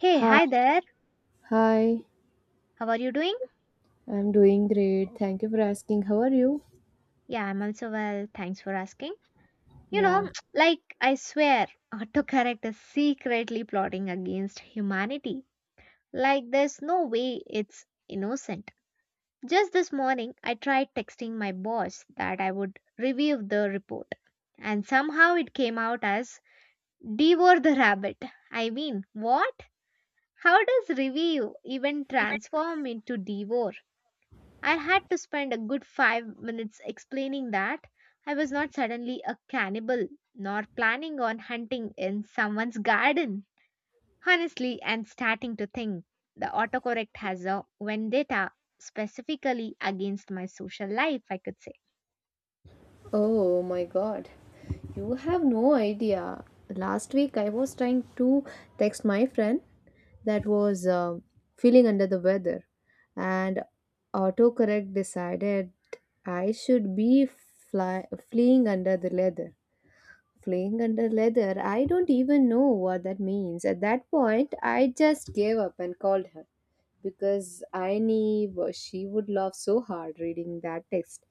Hey, Hi, hi there. hi. How are you doing? I'm doing great. Thank you for asking. How are you? Yeah, I'm also well. Thanks for asking. You Yeah. know, like I swear, autocorrect is secretly plotting against humanity. Like there's no way it's innocent. Just this morning, I tried texting my boss that I would review the report, and somehow it came out as devour the rabbit. I mean, what? How does review even transform into devour? I had to spend a good 5 minutes explaining that I was not suddenly a cannibal nor planning on hunting in someone's garden. Honestly, I'm starting to think the autocorrect has a vendetta specifically against my social life, I could say. Oh my god. You have no idea. Last week I was trying to text my friend that was feeling under the weather and autocorrect decided I should be fleeing under the leather. Fleeing under leather. I don't even know what that means. At that point, I just gave up and called her, because I knew she would laugh so hard reading that text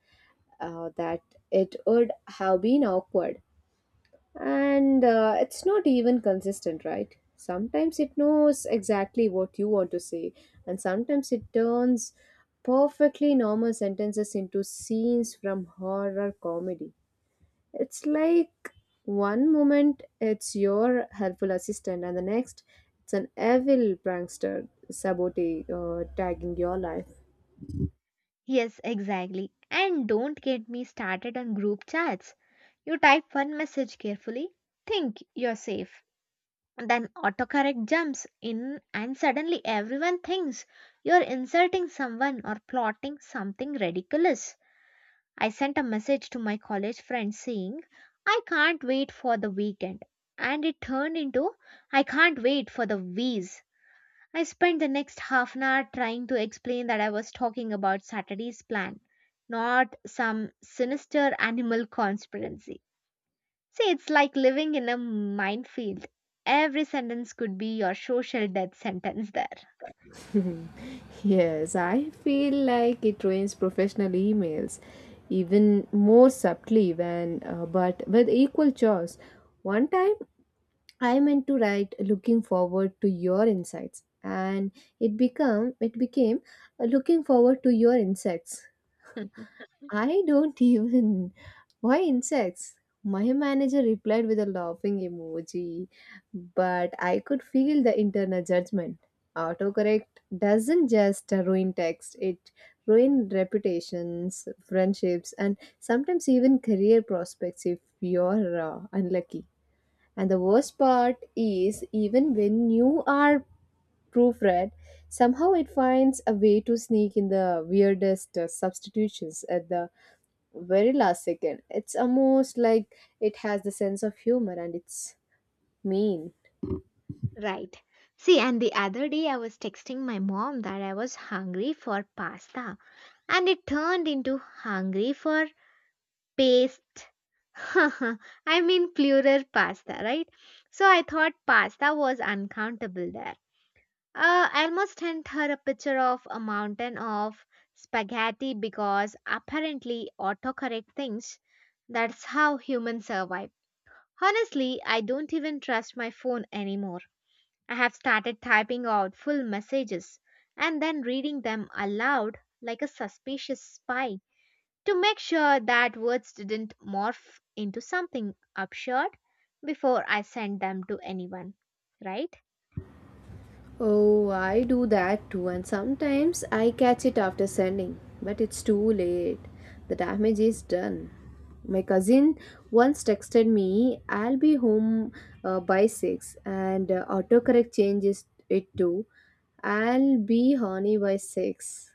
that it would have been awkward. And it's not even consistent, right? Sometimes it knows exactly what you want to say, and sometimes it turns perfectly normal sentences into scenes from horror comedy. It's like one moment it's your helpful assistant, and the next it's an evil prankster sabote tagging your life. Yes, exactly. And don't get me started on group chats. You type one message carefully, think you're safe, then autocorrect jumps in, and suddenly everyone thinks you're insulting someone or plotting something ridiculous. I sent a message to my college friend saying, "I can't wait for the weekend." And it turned into, "I can't wait for the V's." I spent the next half an hour trying to explain that I was talking about Saturday's plan, not some sinister animal conspiracy. See, it's like living in a minefield. Every sentence could be your social death sentence there. Yes, I feel like it ruins professional emails even more subtly when but with equal chores. One time I meant to write looking forward to your insights, and it become it became looking forward to your insects. I don't even. Why insects? My manager replied with a laughing emoji, but I could feel the internal judgment. Autocorrect doesn't just ruin text, it ruins reputations, friendships, and sometimes even career prospects if you're unlucky. And the worst part is, even when you are proofread, somehow it finds a way to sneak in the weirdest substitutions at the very last second. It's almost like it has the sense of humor and it's mean. Right. See, and the other day I was texting my mom that I was hungry for pasta, and it turned into hungry for paste. I mean, plural pasta, right? So I thought pasta was uncountable there. Elmo sent her a picture of a mountain of spaghetti because apparently autocorrect thinks that's how humans survive. Honestly, I don't even trust my phone anymore. I have started typing out full messages and then reading them aloud like a suspicious spy to make sure that words didn't morph into something absurd before I send them to anyone, right? Oh, I do that too, and sometimes I catch it after sending, but it's too late. The damage is done. My cousin once texted me, I'll be home by 6, and autocorrect changes it to, I'll be horny by 6.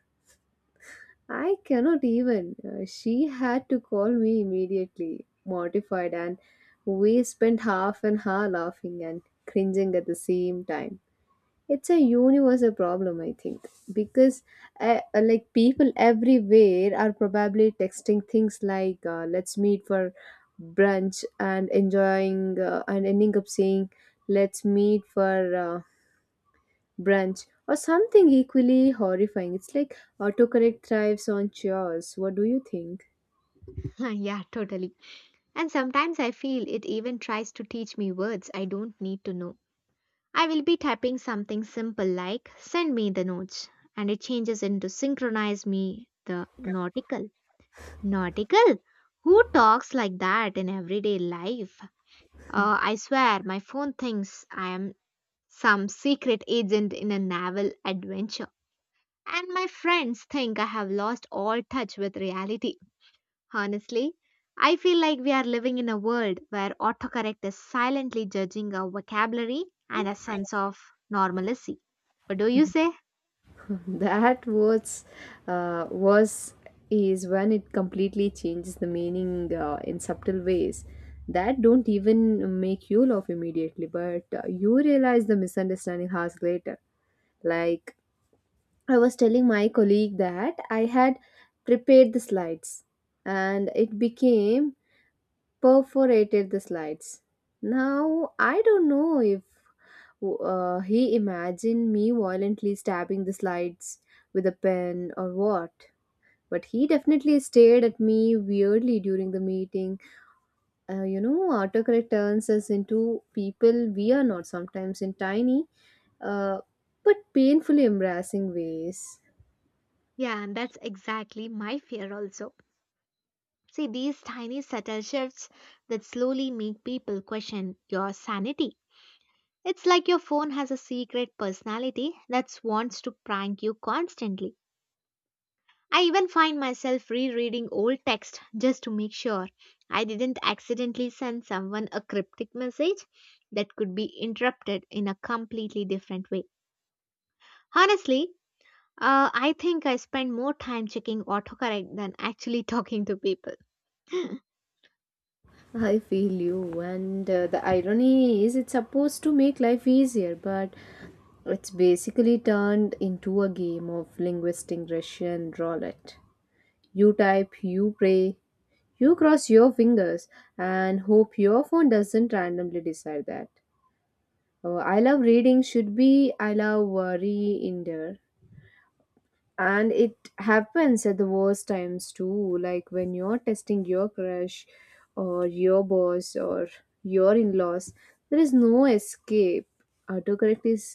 I cannot even. She had to call me immediately, mortified, and we spent half an hour laughing and cringing at the same time. It's a universal problem, I think, because like people everywhere are probably texting things like "Let's meet for brunch" and enjoying and ending up saying "Let's meet for brunch," or something equally horrifying. It's like autocorrect thrives on chores. What do you think? Yeah, totally. And sometimes I feel it even tries to teach me words I don't need to know. I will be typing something simple like send me the notes, and it changes into synchronize me the nautical. Nautical? Who talks like that in everyday life? I swear my phone thinks I am some secret agent in a naval adventure. And my friends think I have lost all touch with reality. Honestly, I feel like we are living in a world where autocorrect is silently judging our vocabulary and a sense of normalcy. What do you say? That was uh, was is when it completely changes the meaning in subtle ways that don't even make you laugh immediately, but you realize the misunderstanding hours later. Like, I was telling my colleague that I had prepared the slides, and it became perforated the slides. Now, I don't know if he imagined me violently stabbing the slides with a pen or what, but he definitely stared at me weirdly during the meeting. You know, autocorrect turns us into people we are not sometimes in tiny uh, but painfully embarrassing ways. Yeah, and that's exactly my fear also. See, these tiny subtle shifts that slowly make people question your sanity. It's like your phone has a secret personality that wants to prank you constantly. I even find myself rereading old text just to make sure I didn't accidentally send someone a cryptic message that could be interrupted in a completely different way. Honestly, I think I spend more time checking autocorrect than actually talking to people. I feel you, and the irony is it's supposed to make life easier, but it's basically turned into a game of linguistic Russian roulette. You type, you pray, you cross your fingers, and hope your phone doesn't randomly decide that. I love reading should be I love re-ender, and it happens at the worst times too, like when you're testing your crush or your boss or your in-laws. There is no escape. Autocorrect is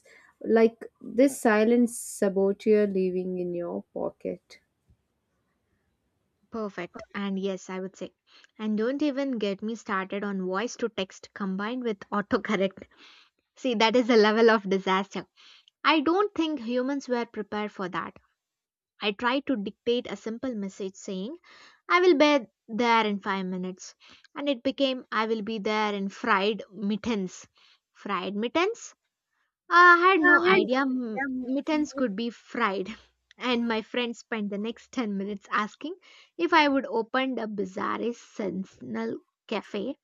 like this silent saboteur living in your pocket. Perfect. And yes, I would say. And don't even get me started on voice to text combined with autocorrect. See, that is a level of disaster. I don't think humans were prepared for that. I tried to dictate a simple message saying, "I will be there in 5 minutes." And it became, "I will be there in fried mittens." Fried mittens? I had no idea mittens could be fried. And my friend spent the next 10 minutes asking if I would open a bizarre sensational cafe.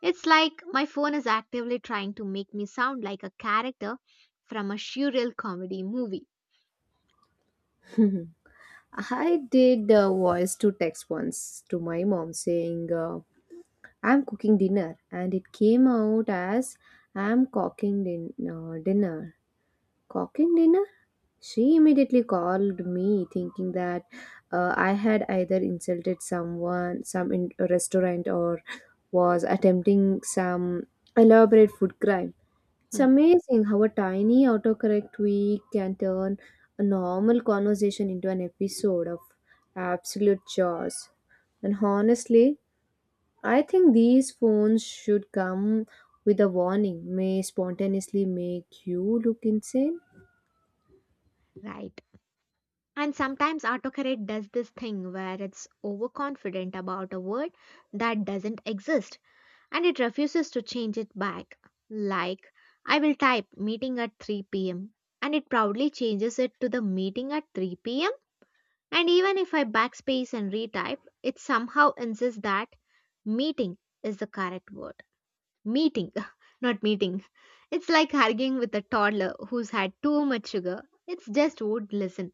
It's like my phone is actively trying to make me sound like a character from a surreal comedy movie. I did a voice to text once to my mom saying I'm cooking dinner, and it came out as I'm cooking dinner. Cooking dinner? She immediately called me, thinking that I had either insulted someone, some in a restaurant, or was attempting some elaborate food crime. It's amazing how a tiny autocorrect tweak can turn a normal conversation into an episode of absolute chaos. And honestly, I think these phones should come with a warning, may spontaneously make you look insane. Right. And sometimes autocorrect does this thing where it's overconfident about a word that doesn't exist, and it refuses to change it back. Like, I will type meeting at 3 p.m., and it proudly changes it to the meeting at 3 pm. And even if I backspace and retype, it somehow insists that meeting is the correct word. Meeting, not meeting. It's like arguing with a toddler who's had too much sugar. It's just would listen.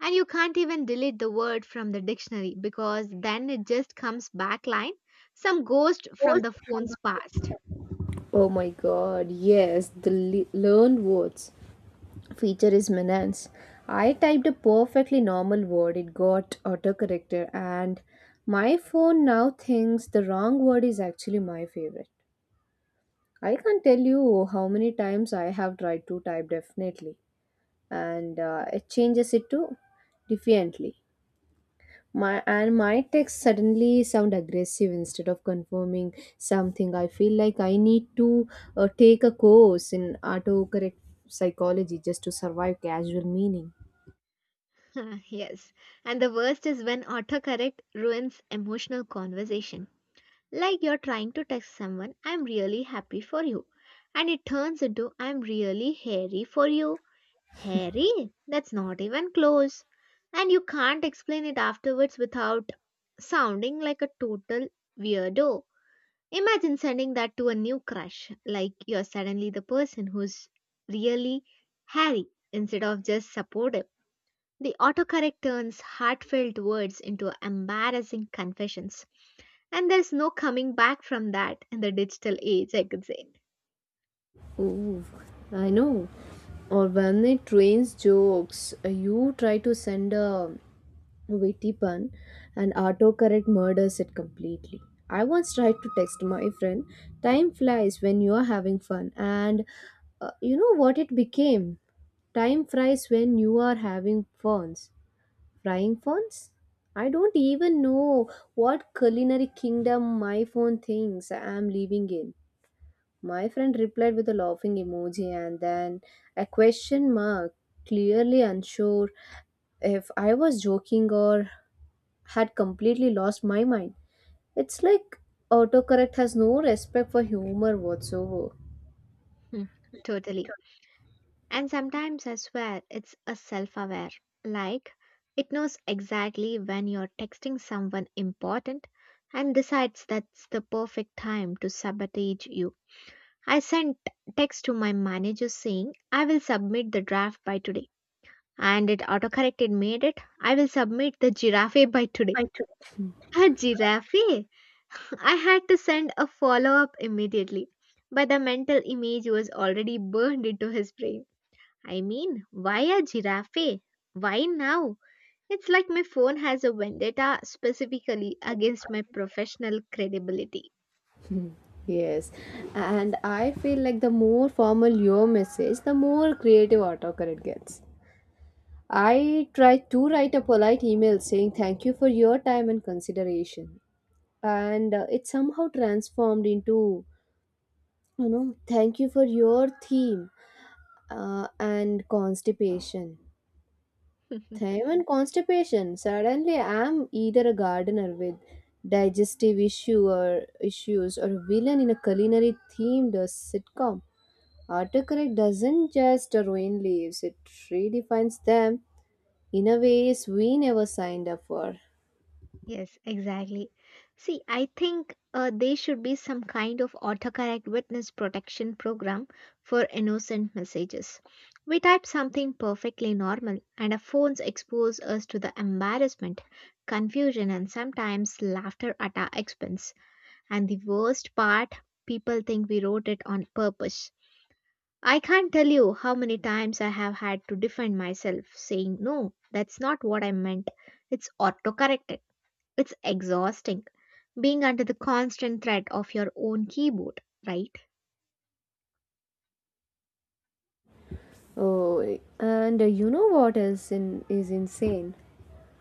And you can't even delete the word from the dictionary because then it just comes back line, some ghost from Post the from phone's the. past. Oh my god, yes, the learned words feature is menace. I typed a perfectly normal word, it got autocorrected, and my phone now thinks the wrong word is actually my favorite. I can't tell you how many times I have tried to type definitely, and it changes it to defiantly. My and my texts suddenly sound aggressive instead of confirming something. I feel like I need to take a course in autocorrect psychology just to survive casual meaning. Yes. And the worst is when autocorrect ruins emotional conversation. Like you're trying to text someone, "I'm really happy for you." And it turns into, "I'm really hairy for you." Hairy? That's not even close. And you can't explain it afterwards without sounding like a total weirdo. Imagine sending that to a new crush, like you're suddenly the person who's really Harry instead of just supportive. The autocorrect turns heartfelt words into embarrassing confessions, and there's no coming back from that in the digital age, I could say. Ooh, I know. Or when it rains jokes, you try to send a witty pun and autocorrect murders it completely. I once tried to text my friend, time flies when you are having fun, and you know what it became? Time flies when you are having funs. Frying funs? I don't even know what culinary kingdom my phone thinks I am living in. My friend replied with a laughing emoji and then a question mark, clearly unsure if I was joking or had completely lost my mind. It's like autocorrect has no respect for humor whatsoever. Hmm, totally. And sometimes I swear it's a self aware, like it knows exactly when you're texting someone important and decides that's the perfect time to sabotage you. I sent text to my manager saying I will submit the draft by today. And it autocorrected made it I will submit the giraffe by today. A giraffe? I had to send a follow up immediately. But the mental image was already burned into his brain. I mean, why a giraffe? Why now? It's like my phone has a vendetta specifically against my professional credibility. Yes, and I feel like the more formal your message, the more creative autocorrect gets. I try to write a polite email saying thank you for your time and consideration, and it somehow transformed into, you know, thank you for your theme and constipation. Theme and constipation. Suddenly, I'm either a gardener with digestive issues or a villain in a culinary themed sitcom. Autocorrect doesn't just ruin lives, it redefines them in a ways we never signed up for. Yes, exactly. See, I think there should be some kind of autocorrect witness protection program for innocent messages. We type something perfectly normal, and our phones expose us to the embarrassment, confusion, and sometimes laughter at our expense. And the worst part, people think we wrote it on purpose. I can't tell you how many times I have had to defend myself, saying, "No, that's not what I meant. It's autocorrected." It's exhausting being under the constant threat of your own keyboard, right? Oh, and you know what else is insane?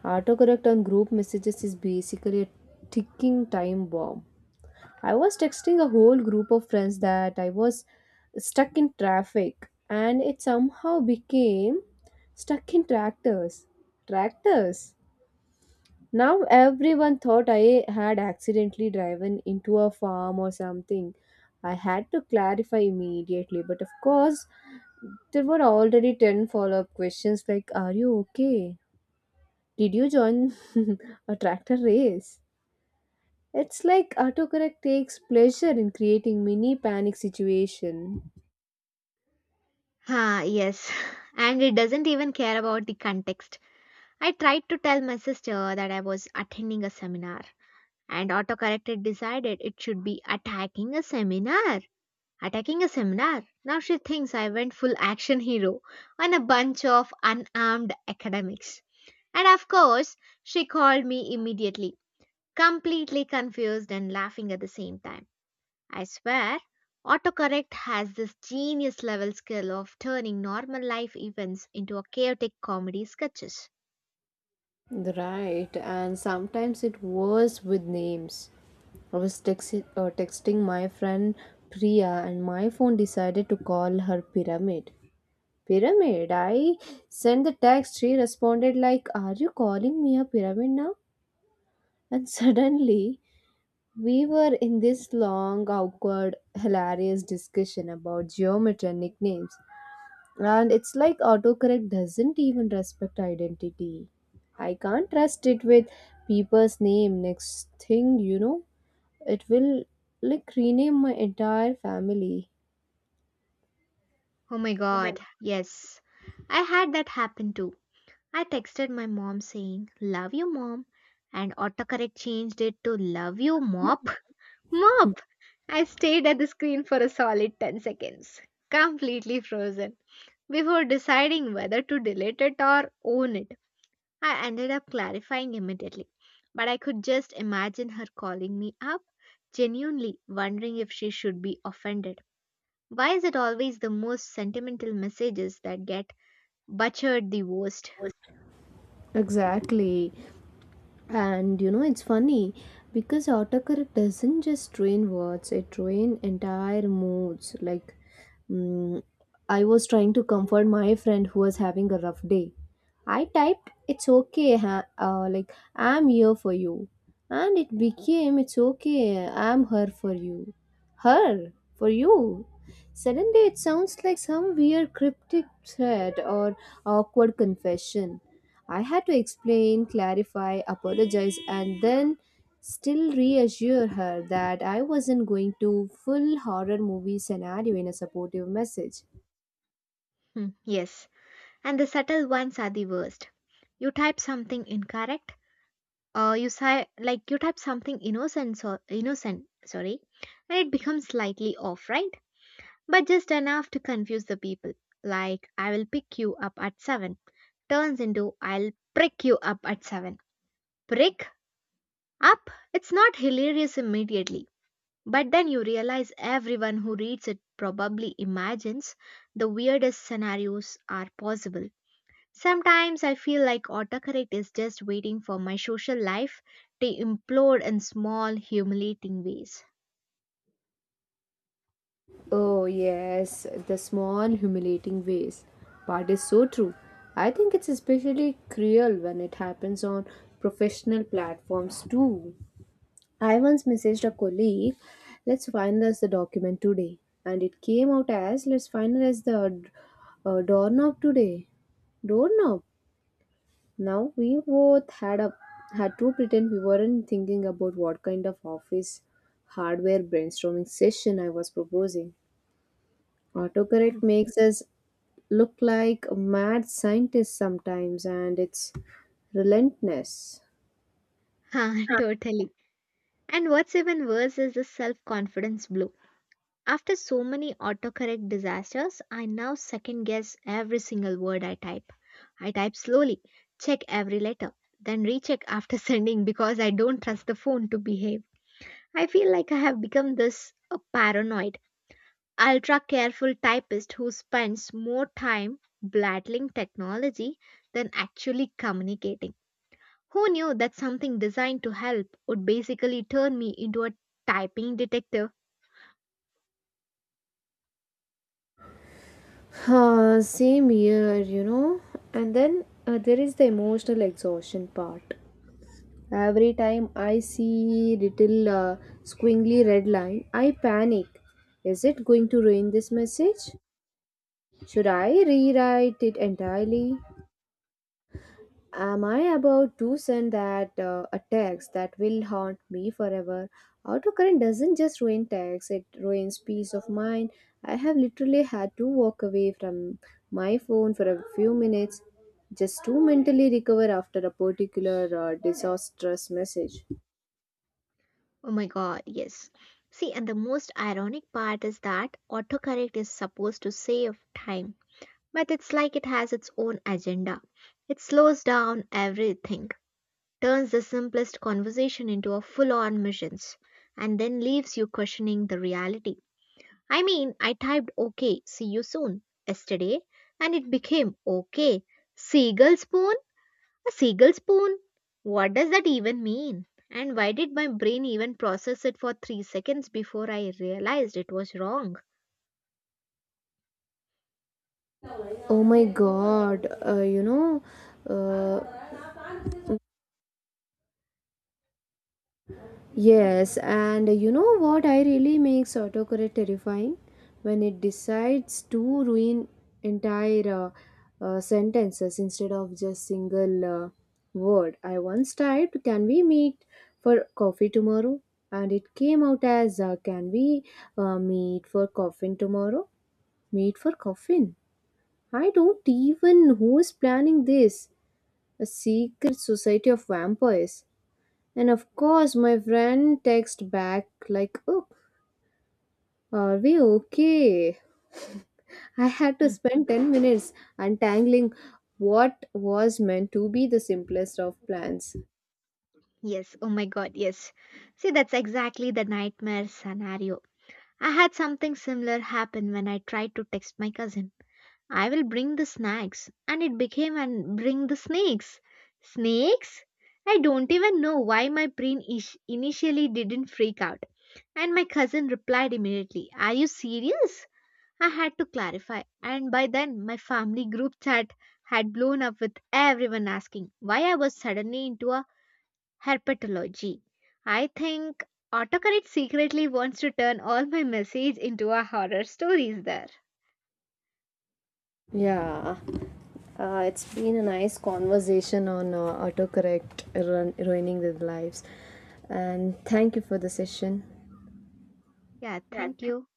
Autocorrect on group messages is basically a ticking time bomb. I was texting a whole group of friends that I was stuck in traffic, and it somehow became stuck in tractors. Tractors? Now everyone thought I had accidentally driven into a farm or something. I had to clarify immediately, but of course, there were already 10 follow up questions like, are you okay? Did you join a tractor race? It's like autocorrect takes pleasure in creating mini panic situation. Ah, yes. And it doesn't even care about the context. I tried to tell my sister that I was attending a seminar, and autocorrected decided it should be attacking a seminar. Attacking a seminar. Now she thinks I went full action hero on a bunch of unarmed academics. And of course, she called me immediately, completely confused and laughing at the same time. I swear, autocorrect has this genius level skill of turning normal life events into a chaotic comedy sketches. Right, and sometimes it was with names. I was texting my friend Priya, and my phone decided to call her Pyramid. Pyramid, I sent the text. She responded like, "Are you calling me a pyramid now?" And suddenly, we were in this long, awkward, hilarious discussion about geometry and nicknames. And it's like autocorrect doesn't even respect identity. I can't trust it with people's name. Next thing you know, it will like rename my entire family. Oh my Oh my god, yes. I had that happen too. I texted my mom saying, "Love you, mom," and autocorrect changed it to "Love you, mop." God. Mop! I stayed at the screen for a solid 10 seconds, completely frozen, before deciding whether to delete it or own it. I ended up clarifying immediately, but I could just imagine her calling me up, genuinely wondering if she should be offended. Why is it always the most sentimental messages that get butchered the worst? Exactly. And you know, it's funny because autocorrect doesn't just train words, it train entire moods. Like, mm, I was trying to comfort my friend who was having a rough day. I typed, it's okay, like, I'm here for you. And it became, it's okay, I'm her for you. Her? For you? Suddenly, it sounds like some weird cryptic threat or awkward confession. I had to explain, clarify, apologize, and then still reassure her that I wasn't going to full horror movie scenario in a supportive message. Hmm, yes, and the subtle ones are the worst. You type something incorrect, or you say like you type something innocent, so, innocent, sorry, and it becomes slightly off, right? But just enough to confuse the people. Like, "I will pick you up at 7" turns into "I'll prick you up at 7." Prick up? It's not hilarious immediately, but then you realize everyone who reads it probably imagines the weirdest scenarios are possible. Sometimes I feel like autocorrect is just waiting for my social life to implode in small, humiliating ways. Oh, yes, the small humiliating ways. Part is so true. I think it's especially cruel when it happens on professional platforms too. I once messaged a colleague, let's finalize the document today. And it came out as, let's finalize the doorknob today. Doorknob? Now we both had a had to pretend we weren't thinking about what kind of office hardware brainstorming session I was proposing. Autocorrect makes us look like mad scientists sometimes, and it's relentless. Ha, totally. And what's even worse is the self confidence blow. After so many autocorrect disasters, I now second guess every single word I type. I type slowly, check every letter, then recheck after sending because I don't trust the phone to behave. I feel like I have become this a paranoid, ultra careful typist who spends more time blattling technology than actually communicating. Who knew that something designed to help would basically turn me into a typing detective? Same here, you know. And then there is the emotional exhaustion part. Every time I see little squiggly red line, I panic. Is it going to ruin this message? Should I rewrite it entirely? Am I about to send that a text that will haunt me forever? Autocorrect doesn't just ruin text, it ruins peace of mind. I have literally had to walk away from my phone for a few minutes just to mentally recover after a particular disastrous message. Oh my god, yes. See, and the most ironic part is that autocorrect is supposed to save time, but it's like it has its own agenda. It slows down everything, turns the simplest conversation into a full on mission, and then leaves you questioning the reality. I mean, I typed "OK, see you soon," yesterday, and it became "OK, seagull spoon"? A seagull spoon? What does that even mean? And why did my brain even process it for 3 seconds before I realized it was wrong? Oh my god, uh, yes, and you know what I really makes autocorrect terrifying when it decides to ruin entire sentences instead of just single word. I once typed, "Can we meet for coffee tomorrow?" and it came out as "Can we meet for coffin tomorrow?" Meet for coffin. I don't even who's planning this. A secret society of vampires. And of course, my friend texted back like, "Oh, are we okay?" I had to Hmm, spend 10 minutes untangling what was meant to be the simplest of plans. yes, oh my god, yes. See, that's exactly the nightmare scenario. I had something similar happen when I tried to text my cousin. "I will bring the snacks," and it became "and bring the snakes." Snakes? I don't even know why my brain initially didn't freak out. And my cousin replied immediately, "Are you serious?" I had to clarify, and by then my family group chat had blown up with everyone asking why I was suddenly into a herpetology. I think autocorrect secretly wants to turn all my messages into a horror stories there. Yeah, it's been a nice conversation on autocorrect ruining the lives. And thank you for the session. Yeah, thank you.